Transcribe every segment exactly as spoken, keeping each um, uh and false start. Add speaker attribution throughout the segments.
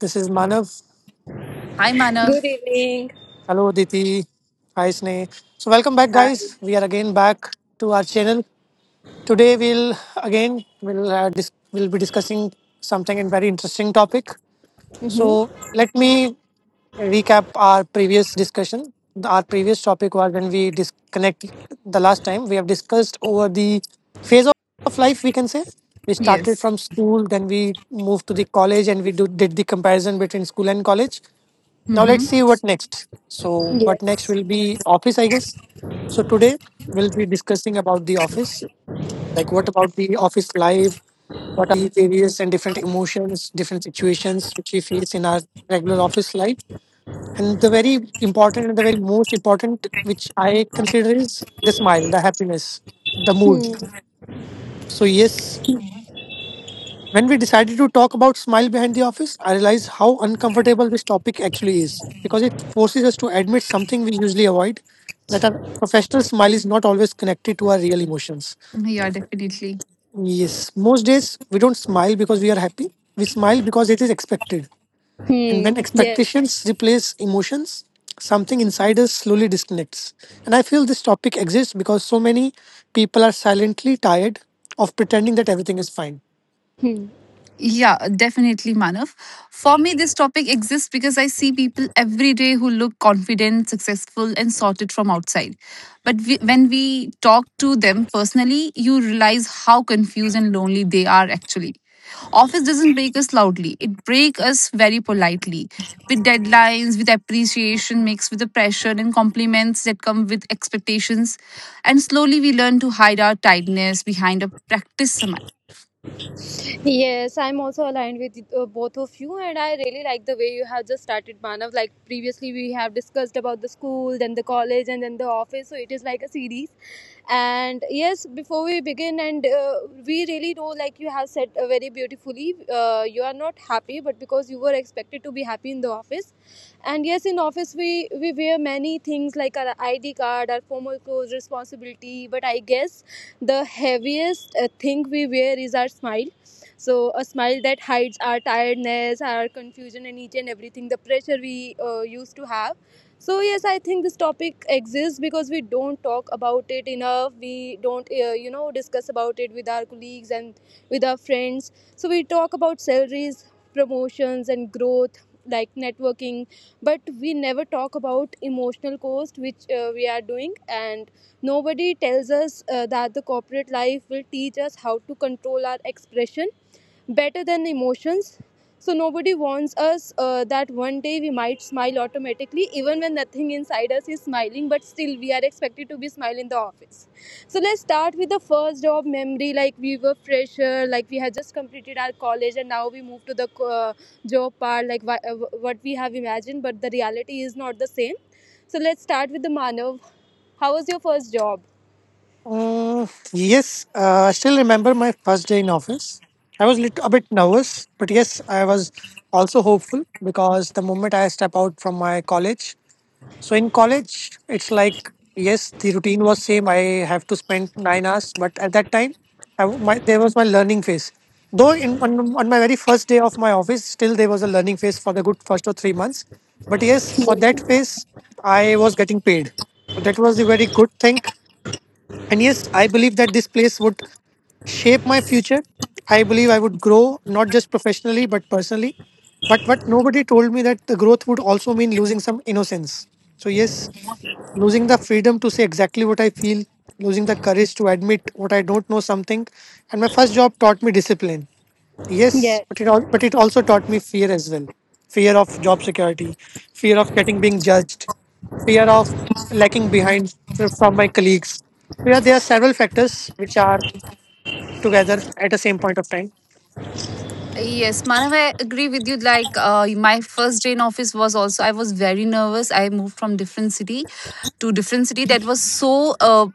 Speaker 1: This is Manav.
Speaker 2: Hi, Manav.
Speaker 3: Good evening.
Speaker 1: Hello, Aditi. Hi, Sneh. So, welcome back,
Speaker 3: Hi.
Speaker 1: guys. We are again back to our channel. Today, we'll again we'll uh, dis- we'll be discussing something and very interesting topic.
Speaker 3: hmm
Speaker 1: So, let me recap our previous discussion. Our previous topic was when we disconnect the last time we have discussed over the phase of life. We can say we started
Speaker 2: Yes.
Speaker 1: from school, then we moved to the college, and we do, did the comparison between school and college. Now let's
Speaker 2: Mm-hmm.
Speaker 1: see what next. So what next
Speaker 3: Yes.
Speaker 1: will be office, I guess. So today we'll be discussing about the office. Like what about the office life? What the various and different emotions, different situations which we face in our regular office life? And the very important and the very most important which I consider is the smile, the happiness, the mood.
Speaker 3: Hmm.
Speaker 1: So yes, when we decided to talk about Smile Behind the Office, I realized how uncomfortable this topic actually is because it forces us to admit something we usually avoid that our professional smile is not always connected to our real emotions.
Speaker 2: Mm-hmm, yeah, definitely.
Speaker 1: Yes, most days we don't smile because we are happy, we smile because it is expected. And
Speaker 3: Hmm.
Speaker 1: when
Speaker 3: Yes.
Speaker 1: expectations replace emotions, something inside us slowly disconnects. And I feel this topic exists because so many people are silently tired of pretending that everything is fine.
Speaker 3: Hmm.
Speaker 2: Yeah, definitely, Manav. For me, this topic exists because I see people every day who look confident, successful, and sorted from outside. But we, when we talk to them personally, you realize how confused and lonely they are actually. Office doesn't break us loudly, it breaks us very politely. With deadlines, with appreciation mixed with the pressure and compliments that come with expectations. And slowly we learn to hide our tiredness behind a practice summit.
Speaker 3: Yes, I'm also aligned with uh, both of you, and I really like the way you have just started, Manav. Like previously, we have discussed about the school, then the college, and then the office. So it is like a series, and yes, before we begin and uh, we really know, like you have said, uh, very beautifully, uh, you are not happy, but because you were expected to be happy in the office. And yes, in office we we wear many things, like our ID card, our formal clothes, responsibility, but I guess the heaviest uh, thing we wear is our smile. So a smile that hides our tiredness, our confusion and each and everything, the pressure we uh, used to have. So yes, I think this topic exists because we don't talk about it enough. We don't, uh, you know, discuss about it with our colleagues and with our friends. So we talk about salaries, promotions, and growth, like networking, but we never talk about emotional cost, which uh, we are doing. And nobody tells us uh, that the corporate life will teach us how to control our expression better than emotions. So nobody warns us uh, that one day we might smile automatically, even when nothing inside us is smiling, but still we are expected to be smiling in the office. So let's start with the first job memory. Like, we were fresher, like we had just completed our college, and now we move to the uh, job part, like wha- uh, what we have imagined, but the reality is not the same. So let's start with the Manav. How was your first job?
Speaker 1: Mm, yes, uh, I still remember my first day in office. I was lit- a bit nervous, but yes, I was also hopeful because the moment I step out from my college, so in college, it's like yes, the routine was same. I have to spend nine hours, but at that time, I, w- my, there was my learning phase. Though in on, on my very first day of my office, still there was a learning phase for the good first or three months. But yes, for that phase, I was getting paid. So that was the very good thing and yes, I believe that this place would shape my future. I believe I would grow not just professionally but personally. But what nobody told me that the growth would also mean losing some innocence. So yes, losing the freedom to say exactly what I feel, losing the courage to admit what I don't know something. And my first job taught me discipline. Yes,
Speaker 3: Yes.
Speaker 1: but it all, but it also taught me fear as well. Fear of job security, fear of getting being judged, fear of lacking behind from my colleagues. Yeah, there are several factors which are together at the same point of time.
Speaker 2: Yes, Manav, I agree with you. Like, uh, my first day in office was also, I was very nervous. I moved from different city to different city. That was so uh,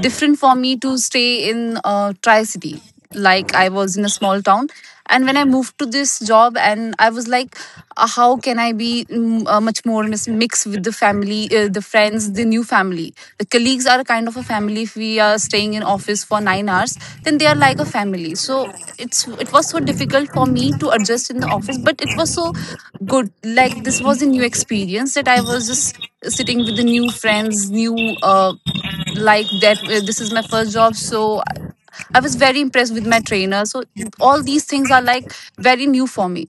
Speaker 2: different for me to stay in uh, tri city, like I was in a small town, and when I moved to this job, and I was like, uh, how can I be mm, uh, much more mis- mixed with the family, uh, the friends, the new family, the colleagues are kind of a family. If we are staying in office for nine hours, then they are like a family, so it's it was so difficult for me to adjust in the office, but it was so good. Like, this was a new experience, that I was just sitting with the new friends, new, uh, like that, uh, this is my first job, so I was very impressed with my trainer, so all these things are like very new for me.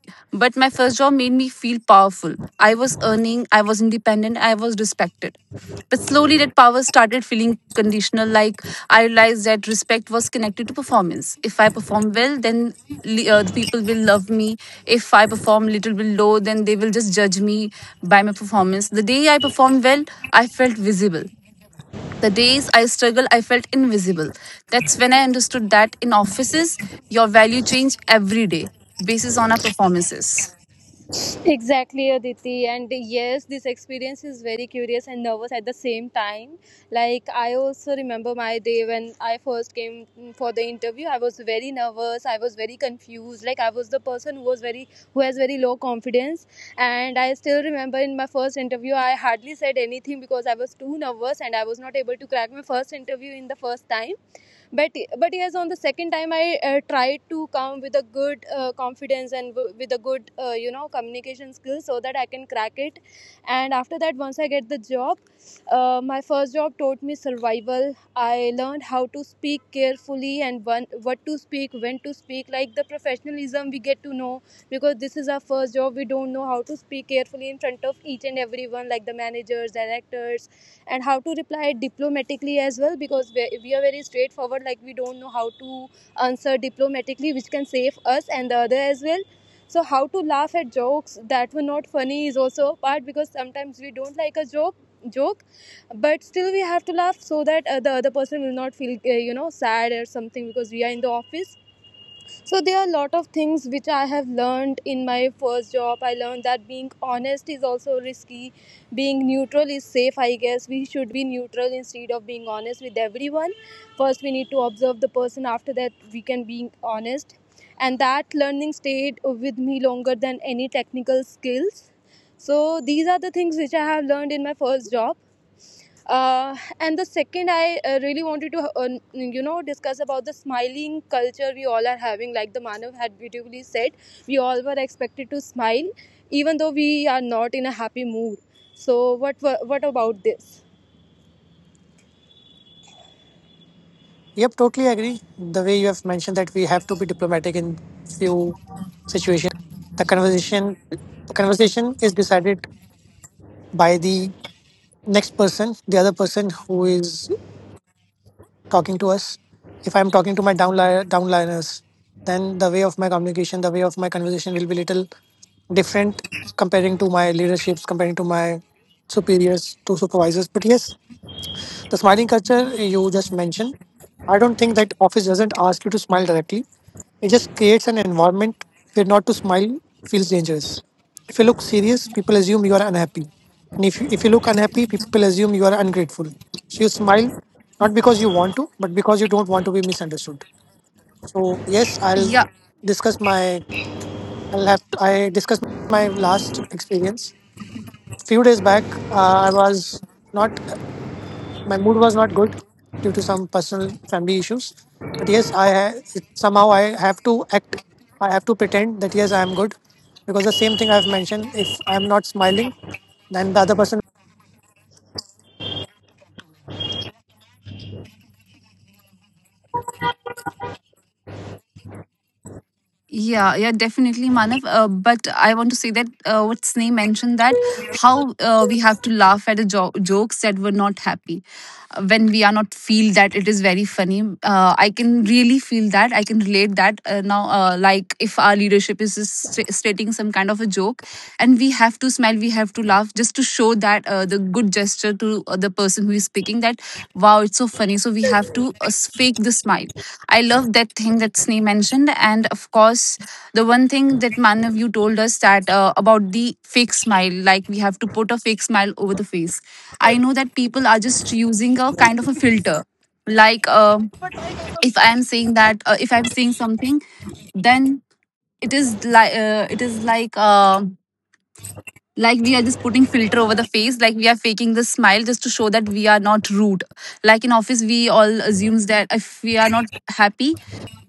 Speaker 2: But my first job made me feel powerful. I was earning, I was independent, I was respected, but slowly that power started feeling conditional. Like, I realized that respect was connected to performance. If I perform well, then li- uh, the people will love me. If I perform little bit low, then they will just judge me by my performance. The day I performed well, I felt visible. The days I struggled, I felt invisible. That's when I understood that in offices, your value change every day, basis on our performances.
Speaker 3: Exactly, Aditi. And yes, this experience is very curious and nervous at the same time. Like, I also remember my day when I first came for the interview. I was very nervous. I was very confused. Like, I was the person who was very, who has very low confidence. And I still remember in my first interview, I hardly said anything because I was too nervous and I was not able to crack my first interview in the first time, but but yes, on the second time I uh, tried to come with a good uh, confidence and w- with a good uh, you know, communication skills so that I can crack it. And after that, once I get the job, uh, my first job taught me survival. I learned how to speak carefully and when, what to speak, when to speak, like the professionalism we get to know, because this is our first job. We don't know how to speak carefully in front of each and everyone, like the managers, directors, and how to reply diplomatically as well, because we we are very straightforward, like we don't know how to answer diplomatically, which can save us and the other as well. So how to laugh at jokes that were not funny is also a part, because sometimes we don't like a joke joke, but still we have to laugh so that uh, the other person will not feel uh, you know, sad or something, because we are in the office. So there are a lot of things which I have learned in my first job. I learned that being honest is also risky, being neutral is safe. I guess we should be neutral instead of being honest with everyone. First, we need to observe the person. After that, we can be honest, and that learning stayed with me longer than any technical skills. So these are the things which I have learned in my first job, uh, and the second, I uh, really wanted to uh, you know, discuss about the smiling culture we all are having. Like the Manav had beautifully said, we all were expected to smile even though we are not in a happy mood. So what what about this?
Speaker 1: Yep, totally agree. The way you have mentioned that we have to be diplomatic in few situations, the conversation, the conversation is decided by the next person, the other person who is talking to us, if I'm talking to my downli- downliners, then the way of my communication, the way of my conversation will be little different comparing to my leaderships, comparing to my superiors, to supervisors. But yes, the smiling culture you just mentioned, I don't think that office doesn't ask you to smile directly. It just creates an environment where not to smile feels dangerous. If you look serious, people assume you are unhappy. And if you, if you look unhappy, people assume you are ungrateful. So you smile not because you want to, but because you don't want to be misunderstood. So yes, I'll
Speaker 2: Yeah,
Speaker 1: discuss my I'll have I discuss my last experience. Few days back, uh, I was not my mood was not good due to some personal family issues. But yes, I ha- it, somehow I have to act. I have to pretend that yes, I am good because the same thing I've mentioned. If I'm not smiling, then the other person.
Speaker 2: yeah, yeah, definitely, Manav. Uh, but I want to say that uh, what Sneh mentioned, that how uh, we have to laugh at the jo- jokes that were not happy, uh, when we are not feel that it is very funny. Uh, I can really feel that. I can relate that, uh, now. Uh, like, if our leadership is just st- stating some kind of a joke, and we have to smile, we have to laugh, just to show that, uh, the good gesture to, uh, the person who is speaking, that wow, it's so funny. So we have to uh, fake the smile. I love that thing that Sneh mentioned. And of course, the one thing that Manav, you told us, that uh, about the fake smile, like we have to put a fake smile over the face. I know that people are just using a kind of a filter. Like, uh, if I am saying that uh, if I'm saying something, then it is like uh, it is like uh, like we are just putting filter over the face, like we are faking the smile, just to show that we are not rude. Like, in office, we all assumes that if we are not happy,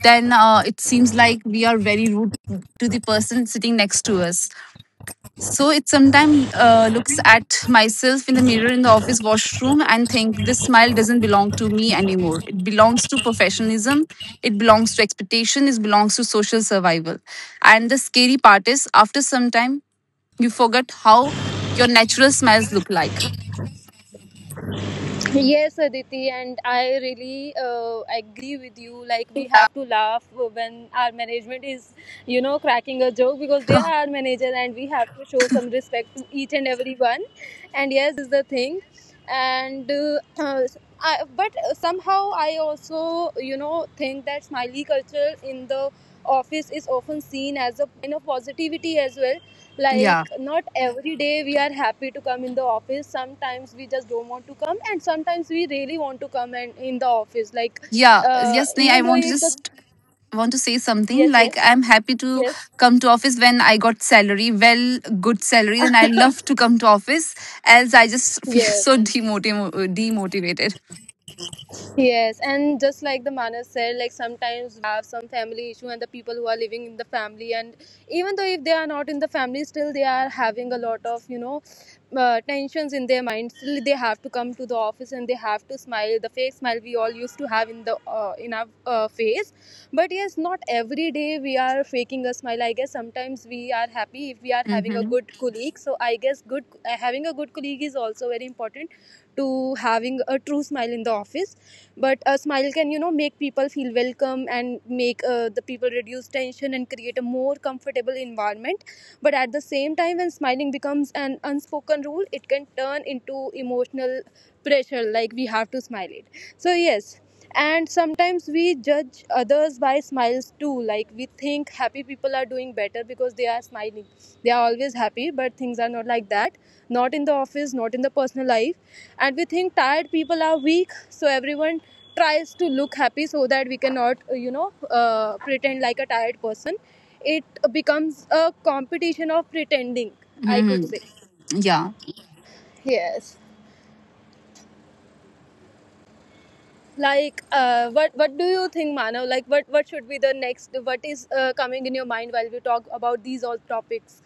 Speaker 2: then uh, it seems like we are very rude to the person sitting next to us. So it sometimes uh, looks at myself in the mirror in the office washroom and think this smile doesn't belong to me anymore. It belongs to professionalism, it belongs to expectation, it belongs to social survival. And the scary part is, after some time, you forget how your natural smells look like.
Speaker 3: Yes, Aditi, and I really uh, agree with you. Like, we have to laugh when our management is, you know, cracking a joke, because they are our manager and we have to show some respect to each and everyone. And yes, this is the thing. And, uh, uh, I, but somehow I also, you know, think that smiley culture in the office is often seen as a sign of positivity as well.
Speaker 2: Yeah.
Speaker 3: Like, not every day we are happy to come in the office. Sometimes we just don't want to come, and sometimes we really want to come. And in the office, like
Speaker 2: Yeah.
Speaker 3: uh,
Speaker 2: Yes, Nay, I
Speaker 3: even though
Speaker 2: want to
Speaker 3: if the
Speaker 2: just want to say something,
Speaker 3: yes yes
Speaker 2: like, I'm happy to
Speaker 3: yes
Speaker 2: come to office when I got salary, well, good salary, then I love to come to office, else I just feel
Speaker 3: yes.
Speaker 2: so demotiv- demotivated.
Speaker 3: Yes, and just like the Manas said, like sometimes we have some family issue, and the people who are living in the family, and even though if they are not in the family, still they are having a lot of, you know, uh, tensions in their mind. Still, they have to come to the office and they have to smile, the fake smile we all used to have in the uh, in our uh, face. But yes, not every day we are faking a smile. I guess sometimes we are happy if we are having a
Speaker 2: Mm-hmm.
Speaker 3: good colleague. So I guess good uh, having a good colleague is also very important to having a true smile in the office. But a smile can, you know, make people feel welcome and make uh, the people reduce tension and create a more comfortable environment. But at the same time, when smiling becomes an unspoken rule, it can turn into emotional pressure, like we have to smile it. So yes, and sometimes we judge others by smiles too. Like, we think happy people are doing better because they are smiling, they are always happy, but things are not like that, not in the office, not in the personal life. And we think tired people are weak, so everyone tries to look happy so that we cannot uh, you know, uh, pretend like a tired person. It becomes a competition of pretending, I could
Speaker 2: Mm-hmm.
Speaker 3: say.
Speaker 2: Yeah
Speaker 3: Yes, like uh, what what do you think, Manav? Like what what should be the next? What is uh, coming in your mind while we talk about these all topics?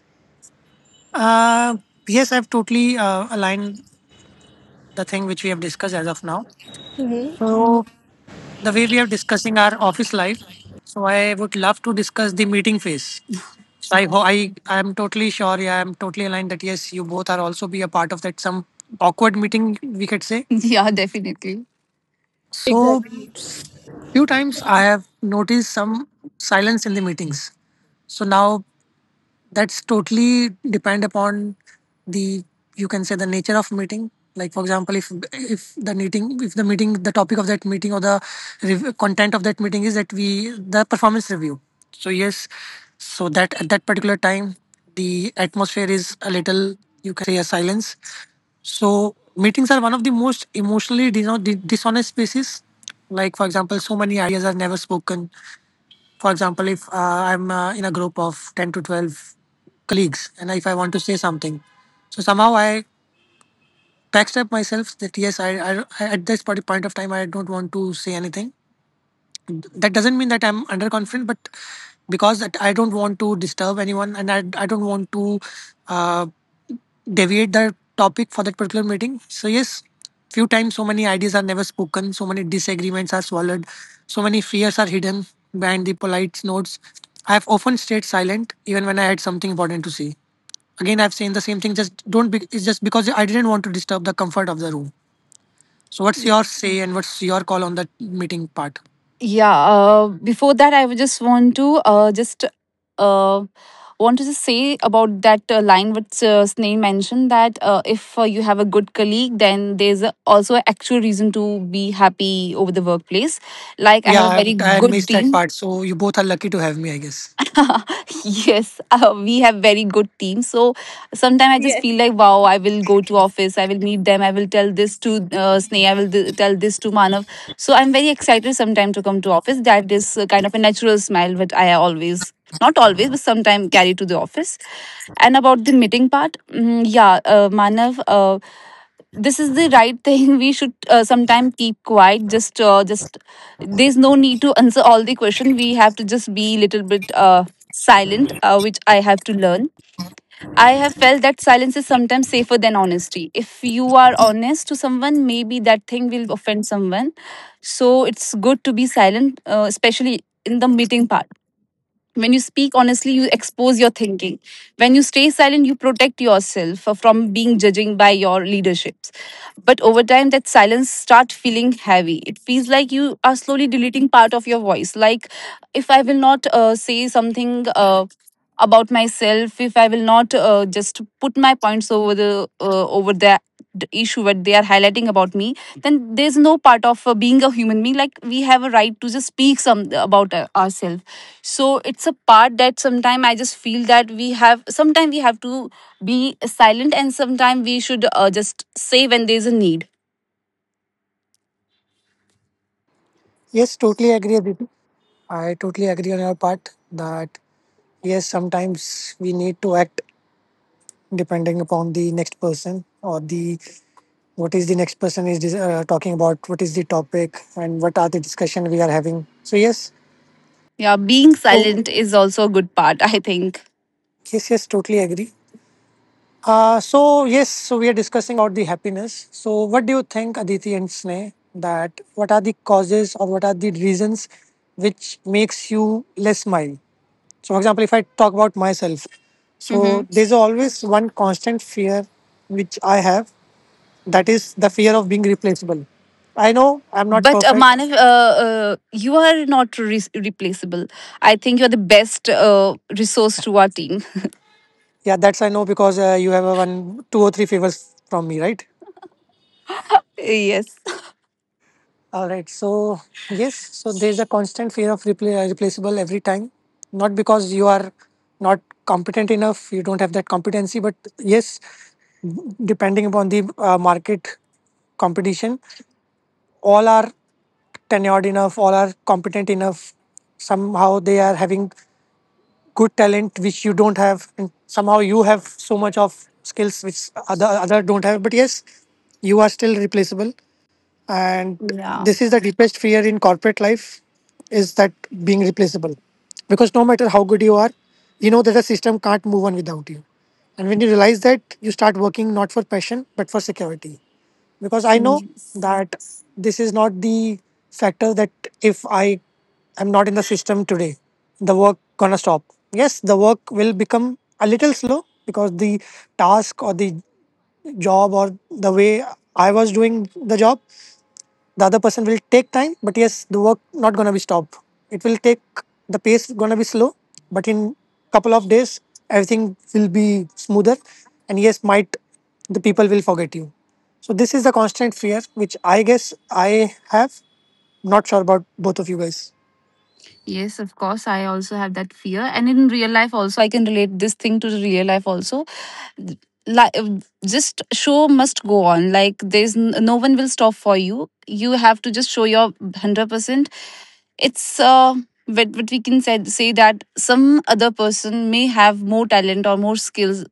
Speaker 1: Uh, yes, I've totally uh, aligned the thing which we have discussed as of now.
Speaker 3: Mm-hmm.
Speaker 1: So the way we are discussing our office life, so I would love to discuss the meeting phase. So I, ho- I, I am totally sure. Yeah, I'm totally aligned that yes, you both are also be a part of that some awkward meeting we could say.
Speaker 2: yeah, definitely,
Speaker 1: So
Speaker 3: Exactly.
Speaker 1: few times I have noticed some silence in the meetings. So now that's totally depend upon the you can say the nature of meeting. Like for example, if if the meeting if the meeting the topic of that meeting or the rev- content of that meeting is that we the performance review. So yes, so that at that particular time the atmosphere is a little you can say a silence. So meetings are one of the most emotionally dis- dishonest spaces. Like for example, so many ideas are never spoken for example, if uh, I'm uh, in a group of ten to twelve colleagues and if I want to say something, so somehow I backstab myself that yes, I, I, I at this parti- point of time, I don't want to say anything. That doesn't mean that I'm underconfident, but because that I don't want to disturb anyone and I, I don't want to. Uh, deviate the topic for that particular meeting. So yes, few times so many ideas are never spoken, so many disagreements are swallowed, so many fears are hidden behind the polite notes. I have often stayed silent even when I had something important to say. Again, I've said the same thing. Just don't. Be, it's just because I didn't want to disturb the comfort of the room. So what's your say and what's your call on that meeting part?
Speaker 2: yeah. Uh, before that, I would just want to uh, just uh, want to just say about that uh, line which uh, Sneh mentioned, that uh, if uh, you have a good colleague, then there's a, also an actual reason to be happy over the workplace. Like, I
Speaker 1: Yeah,
Speaker 2: have a
Speaker 1: I,
Speaker 2: very
Speaker 1: I
Speaker 2: good
Speaker 1: missed that
Speaker 2: team.
Speaker 1: part. So you both are lucky to have me, I guess.
Speaker 2: Yes, uh, we have very good team. So sometimes I just feel
Speaker 3: Yes.
Speaker 2: like, wow, I will go to office, I will meet them, I will tell this to uh, Sneha, I will th- tell this to Manav. So I'm very excited sometimes to come to office. That is uh, kind of a natural smile, but I always, not always, but sometimes carry to the office. And about the meeting part, mm, yeah, uh, Manav, uh, this is the right thing. We should uh, sometimes keep quiet, just uh, just there's no need to answer all the question. We have to just be little bit uh, silent, uh, which I have to learn. I have felt that silence is sometimes safer than honesty. If you are honest to someone, maybe that thing will offend someone. So it's good to be silent, uh, especially in the meeting part. When you speak honestly, you expose your thinking. When you stay silent, you protect yourself from being judging by your leaderships. But over time, that silence start feeling heavy. It feels like you are slowly deleting part of your voice. Like, if I will not uh, say something uh, about myself, if I will not uh, just put my points over the uh, over the the issue that they are highlighting about me, then there's no part of uh, being a human being. Like, we have a right to just speak some about uh, ourselves. So it's a part that sometimes I just feel that we have sometimes we have to be silent, and sometimes we should uh, just say when there's a need.
Speaker 1: Yes, totally agree, Aditi. I totally agree on your part that yes sometimes we need to act depending upon the next person or the what is the next person is dis- uh, talking about what is the topic and what are the discussion we are having so yes
Speaker 2: Yeah, being
Speaker 1: so
Speaker 2: silent is also a good part, I think.
Speaker 1: yes yes totally agree, uh, so yes so we are discussing about the happiness so what do you think Aditi and Sneh that what are the causes or what are the reasons which makes you less smile so for example if I talk about myself so
Speaker 2: hmm
Speaker 1: there's always one constant fear which I have. That is the fear of being replaceable. I know I'm not
Speaker 2: but uh,
Speaker 1: perfect.
Speaker 2: Manav, uh, uh, you are not re- replaceable, I think. You're the best uh, resource to our team.
Speaker 1: Yeah, that's I know because uh, you have a one, two or three favors from me, right?
Speaker 2: Yes,
Speaker 1: All right. So yes, so there's a constant fear of repla- uh, replaceable every time. Not because you are not competent enough, you don't have that competency, but yes, depending upon the uh, market competition, all are tenured enough, all are competent enough. Somehow they are having good talent which you don't have and somehow you have so much of skills which other other don't have but yes you are still replaceable, and
Speaker 2: yeah,
Speaker 1: this is the deepest fear in corporate life is that being replaceable because no matter how good you are you know that the system can't move on without you and when you realize that you start working not for passion but for security because I know
Speaker 2: yes.
Speaker 1: that this is not the factor that if I am not in the system today, the work gonna stop. Yes, the work will become a little slow because the task or the job or the way I was doing the job the other person will take time but yes the work not gonna be stopped it will take the pace gonna be slow but in couple of days everything will be smoother and yes might the people will forget you so this is the constant fear which I guess I have not sure about both of you guys.
Speaker 2: Yes, of course. I also have that fear. And in real life, also, I can relate this thing to the real life, also. Like, uh, just show must go on, like there's n- no one will stop for you, you have to just show your one hundred percent. It's uh but, but we can say, say that some other person may have more talent or more skills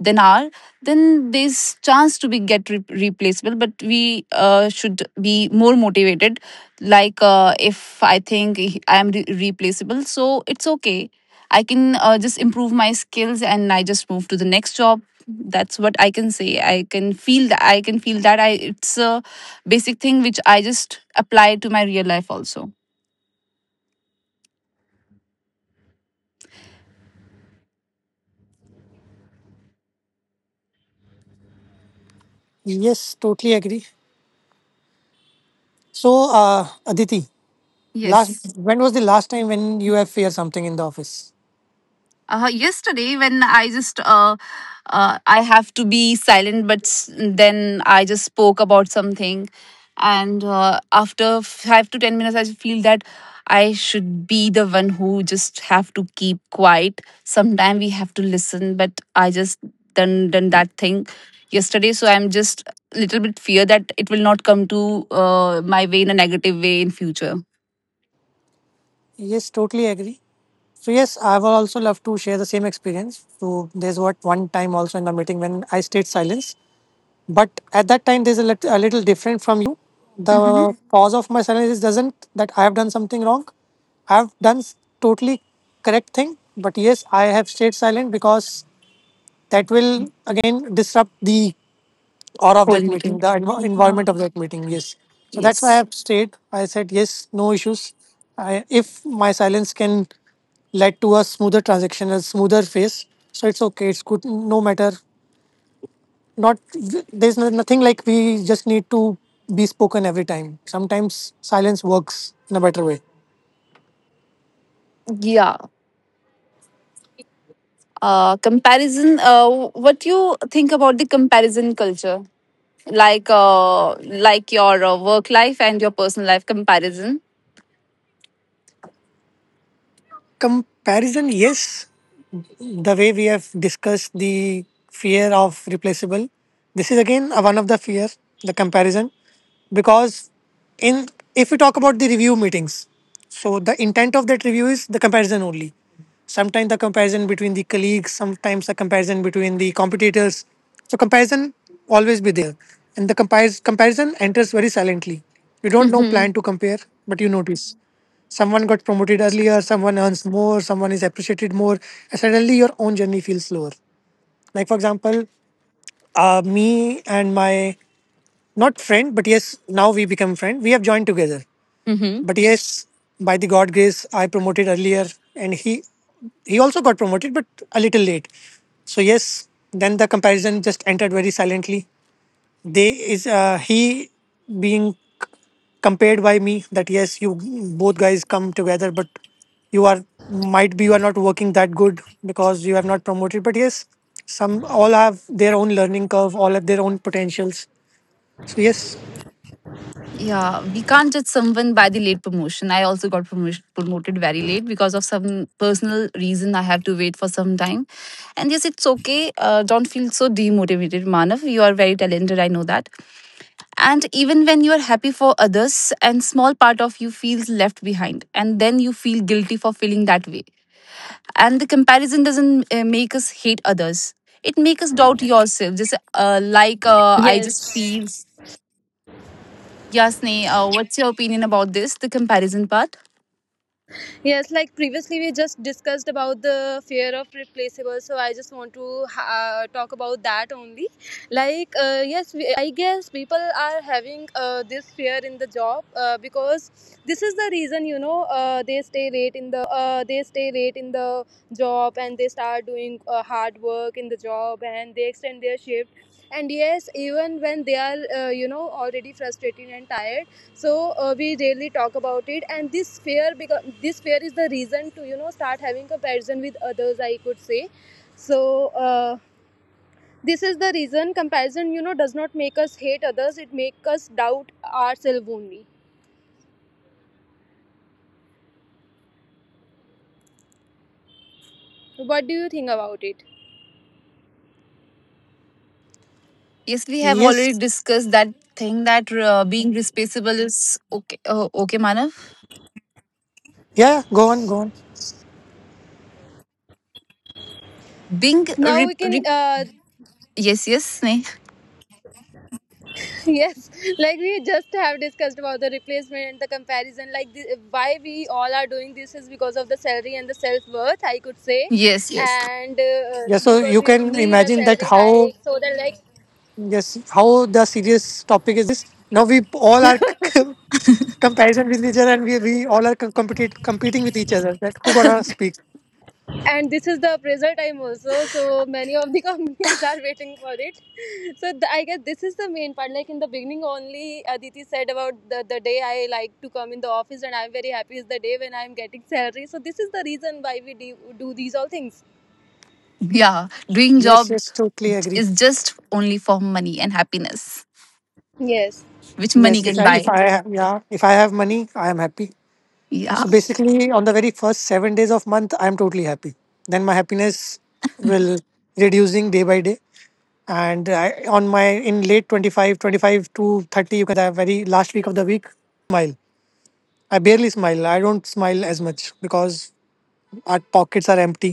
Speaker 2: than are, then there's chance to be get re- replaceable. But we uh, should be more motivated. Like, uh, if I think I am re- replaceable, so it's okay. I can uh, just improve my skills, and I just move to the next job. That's what I can say. I can feel that. I can feel that. I it's a basic thing which I just apply to my real life also.
Speaker 1: Yes, totally agree. So uh, Aditi last
Speaker 2: Yes.
Speaker 1: when was the last time when you have fear something in the office?
Speaker 2: Uh, yesterday when I just uh, uh, I have to be silent, but s- then I just spoke about something, and uh, after five to ten minutes I feel that I should be the one who just have to keep quiet. Sometimes we have to listen, but I just done done that thing yesterday, so I'm just a little bit fear that it will not come to uh, my way in a negative way in future.
Speaker 1: Yes, totally agree. So yes, I will also love to share the same experience. So there's what one time also in the meeting when I stayed silence, but at that time there's a lit- a little different from you. The
Speaker 2: Mm-hmm.
Speaker 1: cause of my silence is doesn't that I have done something wrong. I've done s- totally correct thing, but yes, I have stayed silent because that will again disrupt the or of
Speaker 2: Whole
Speaker 1: that meeting,
Speaker 2: meeting.
Speaker 1: the env- environment of that meeting. Yes. So that's why I
Speaker 2: Yes.
Speaker 1: have stayed. I said yes, no issues. I, if my silence can lead to a smoother transaction, a smoother phase, so it's okay. It's good. No matter. Not there's no, nothing like we just need to be spoken every time. Sometimes silence works in a better way.
Speaker 2: Yeah. Uh, comparison. Uh, what you think about the comparison culture, like, uh, like your uh, work life and your personal life comparison?
Speaker 1: Comparison, yes. The way we have discussed the fear of replaceable, this is again uh, one of the fear, the comparison because in if we talk about the review meetings so the intent of that review is the comparison only sometimes the comparison between the colleagues sometimes the comparison between the competitors so comparison always be there and the compar- comparison enters very silently you don't know
Speaker 2: Mm-hmm.
Speaker 1: plan to compare but you notice someone got promoted earlier someone earns more someone is appreciated more and suddenly your own journey feels slower. Like for example, uh, me and my not friend but yes now we become friend we have joined together
Speaker 2: Mm-hmm.
Speaker 1: but yes, by the God grace, I promoted earlier, and he he also got promoted, but a little late. So yes, then the comparison just entered very silently. They is uh, he being c- compared by me that yes, you both guys come together, but you are might be you are not working that good because you have not promoted. But yes, some all have their own learning curve, all have their own potentials. So yes,
Speaker 2: Yeah, we can't judge someone by the late promotion. I also got promotion, promoted very late because of some personal reason. I have to wait for some time. And yes, it's okay. Uh, don't feel so demotivated, Manav. You are very talented. I know that. And even when you are happy for others, and small part of you feels left behind, and then you feel guilty for feeling that way. And the comparison doesn't uh, make us hate others; it makes us doubt yourself. Just uh, like, uh, I just
Speaker 4: Yes.
Speaker 2: feel, Yasne, uh, what's your opinion about this? The comparison part.
Speaker 4: Yes, like previously we just discussed about the fear of replaceable, so I just want to uh, talk about that only. Like, uh, yes, we, I guess people are having uh, this fear in the job uh, because this is the reason, you know, uh, they stay late in the job and they start doing uh, hard work in the job and they extend their shift. And yes, even when they are, uh, you know, already frustrated and tired, so uh, we rarely talk about it and this fear, because this fear is the reason to, you know start having comparison with others, I could say. So uh, this is the reason. Comparison, you know does not make us hate others, it makes us doubt ourselves only. What do you think about it?
Speaker 2: Yes, we have already
Speaker 1: yes,
Speaker 2: discussed that thing, that uh, being responsible is okay. Uh, okay, Manav.
Speaker 1: yeah. Go on, go on.
Speaker 2: Being
Speaker 4: Now
Speaker 2: re-
Speaker 4: we can,
Speaker 2: re-
Speaker 4: uh,
Speaker 2: yes, yes, Sneh,
Speaker 4: yes, like we just have discussed about the replacement, the comparison, like the, why we all are doing this is because of the salary and the self-worth, I could say.
Speaker 2: yes, yes.
Speaker 4: And uh,
Speaker 1: Yeah, so
Speaker 4: because
Speaker 1: you
Speaker 4: we
Speaker 1: can
Speaker 4: need a
Speaker 1: imagine that
Speaker 4: salary
Speaker 1: how
Speaker 4: hike so that, like,
Speaker 1: yes how the serious topic is this. Now we all are comparison with each other, and we, we all are com- compete, competing with each other. That who gonna speak?
Speaker 4: and this is the appraisal time also, so many of the companies are waiting for it. So th- I guess this is the main part. Like, in the beginning only, Aditi said about the, the day I like to come in the office and I'm very happy is the day when I'm getting salary. So this is the reason why we do, do these all things.
Speaker 2: Yeah, doing
Speaker 1: Yes,
Speaker 2: job
Speaker 1: yes, totally agree.
Speaker 2: is just only for money and happiness,
Speaker 4: Yes.
Speaker 2: which money
Speaker 1: Yes, if
Speaker 2: can
Speaker 1: I
Speaker 2: buy.
Speaker 1: if I have, yeah, if I have money, I am happy.
Speaker 2: Yeah.
Speaker 1: So basically, on the very first seven days of month, I am totally happy. Then my happiness will reducing day by day, and I, on my in late twenty five, twenty five to thirty you can that very last week of the week I literally smile I barely smile I don't smile as much because our pockets are empty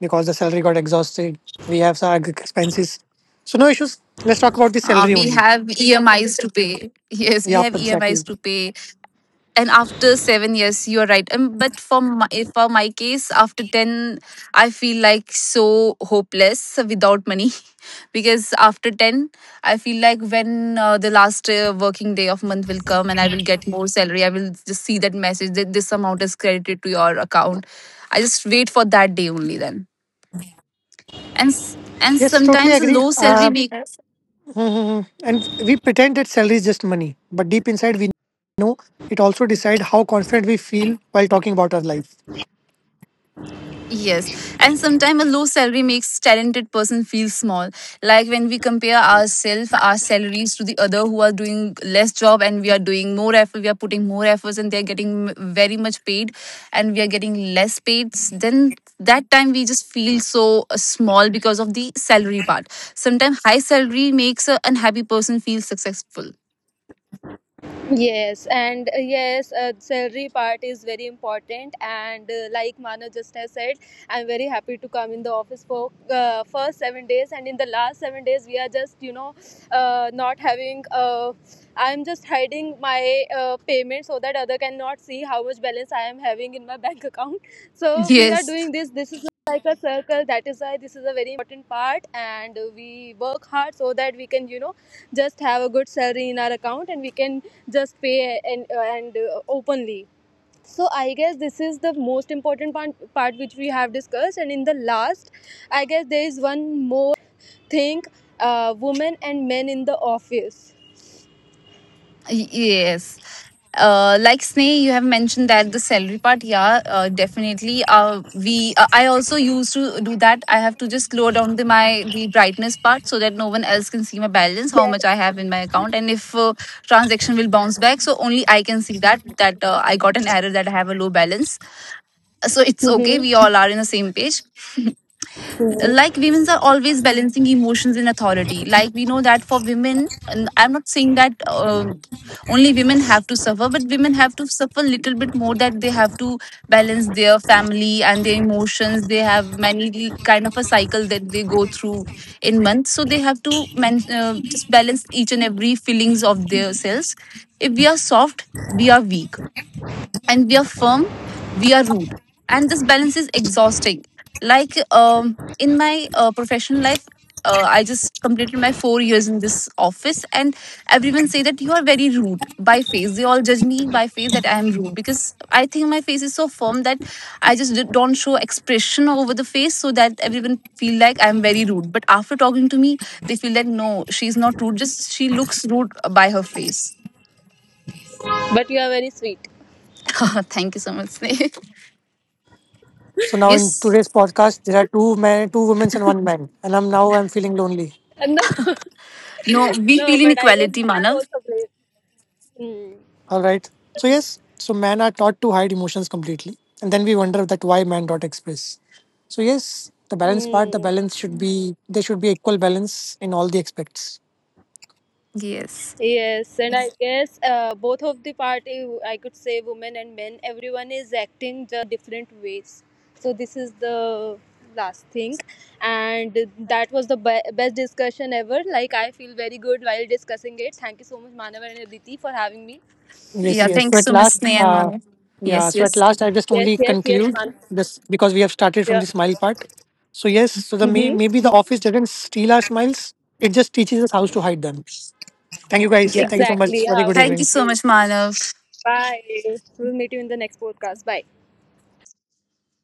Speaker 1: because the salary got exhausted we have some expenses so no issues let's talk about the
Speaker 2: Uh,
Speaker 1: salary
Speaker 2: we
Speaker 1: only.
Speaker 2: have E M Is to pay. Yes, we
Speaker 1: Yeah,
Speaker 2: have
Speaker 1: exactly.
Speaker 2: E M Is to pay. And after seven years, you're right. Um, but for my, for my case, after ten, I feel like so hopeless without money. Because after ten, I feel like when uh, the last uh, working day of month will come, and I will get more salary, I will just see that message that this amount is credited to your account. I just wait for that day only then. And s- and
Speaker 1: Yes, totally
Speaker 2: sometimes a
Speaker 1: agree.
Speaker 2: low salary
Speaker 1: uh,
Speaker 2: make
Speaker 1: mhm. And we pretend that salary is just money but deep inside we know it also decide how confident we feel while talking about our life.
Speaker 2: Yes, and sometimes a low salary makes talented person feel small. Like when we compare ourselves our salaries to the other who are doing less job, and we are doing more effort we are putting more efforts, and they're getting m- very much paid, and we are getting less paid. S- then that time we just feel so uh, small because of the salary part. Sometimes high salary makes a unhappy person feel successful.
Speaker 4: Yes, and uh, yes, uh, salary part is very important. And uh, like Mano just has said, I'm very happy to come in the office for uh, first seven days, and in the last seven days, we are just, you know uh, not having. Uh, I'm just hiding my uh, payment so that other cannot see how much balance I am having in my bank account. So we are
Speaker 2: Yes,
Speaker 4: doing this. This is like a circle. That is why this is a very important part, and uh, we work hard so that we can, you know just have a good salary in our account and we can just pay, and uh, and uh, openly. So I guess this is the most important part, part which we have discussed. And in the last, I guess there is one more thing, uh, women and men in the office.
Speaker 2: yes. Uh, like, Sneh, you have mentioned that the salary part, yeah, uh, definitely. Uh, we, uh, I also used to do that. I have to just lower down the my the brightness part, so that no one else can see my balance, how
Speaker 4: Yes.
Speaker 2: much I have in my account. And if uh, transaction will bounce back, so only I can see that that uh, I got an error that I have a low balance. So it's okay. We
Speaker 4: Mm-hmm.
Speaker 2: all are in the same page. Like,
Speaker 4: Mm-hmm.
Speaker 2: women are always balancing emotions and authority. Like, we know that, for women, and I'm not saying that uh, only women have to suffer, but women have to suffer a little bit more, that they have to balance their family and their emotions. They have many kind of a cycle that they go through in months, so they have to man- uh, just balance each and every feelings of their selves. If we are soft, we are weak, and we are firm, we are rude. And this balance is exhausting. Like, um, in my uh, professional life, uh, I just completed my four years in this office, and everyone say that you are very rude by face. They all judge me by face that I am rude because I think my face is so firm that I just d- don't show expression over the face, so that everyone feel like I am very rude. But after talking to me, they feel that no, she's not rude. Just she looks rude by her face.
Speaker 4: But you are very sweet.
Speaker 2: Thank you so much, Sneh.
Speaker 1: So now in
Speaker 2: Yes.
Speaker 1: today's podcast, there are two men, two women, and one man, and I'm now I'm feeling lonely.
Speaker 4: No.
Speaker 2: No, we
Speaker 4: No,
Speaker 2: feel
Speaker 4: but I guess
Speaker 2: inequality,
Speaker 4: men are
Speaker 2: Manav.
Speaker 4: also brave. Mm.
Speaker 1: All right. So yes, so men are taught to hide emotions completely, and then we wonder that why men don't express. So yes, the balance part, the
Speaker 4: Mm.
Speaker 1: balance should be there should be equal balance in all the aspects.
Speaker 2: Yes.
Speaker 4: Yes, and I guess uh, both of the party, I could say, women and men, everyone is acting just in a different ways. So this is the last thing, and that was the be- best discussion ever. Like, I feel very good while discussing it. Thank you so much, Manav and Aditi, for having me.
Speaker 1: Yes,
Speaker 2: Yeah. Mhm.
Speaker 1: yes.
Speaker 2: Thank
Speaker 1: So
Speaker 2: you
Speaker 1: at
Speaker 2: so much,
Speaker 1: last,
Speaker 2: Sneha and
Speaker 1: uh,
Speaker 2: Manav.
Speaker 1: yeah.
Speaker 2: Yes,
Speaker 1: So at
Speaker 2: yes.
Speaker 1: last, I just
Speaker 4: Yes,
Speaker 1: only
Speaker 4: yes, yes,
Speaker 1: conclude
Speaker 4: Manav.
Speaker 1: this because we have started from
Speaker 4: Yeah.
Speaker 1: the smile part. So yes, so the may, maybe
Speaker 4: Mm-hmm.
Speaker 1: the office doesn't steal our smiles; it just teaches us how to hide them. Thank you guys.
Speaker 2: Yeah.
Speaker 1: Thank you so much.
Speaker 4: Exactly.
Speaker 1: Very
Speaker 4: How
Speaker 1: good
Speaker 2: Thank you
Speaker 1: evening.
Speaker 2: so
Speaker 4: beautiful.
Speaker 2: much, Manav.
Speaker 4: Bye. We'll meet you in the next podcast. Bye.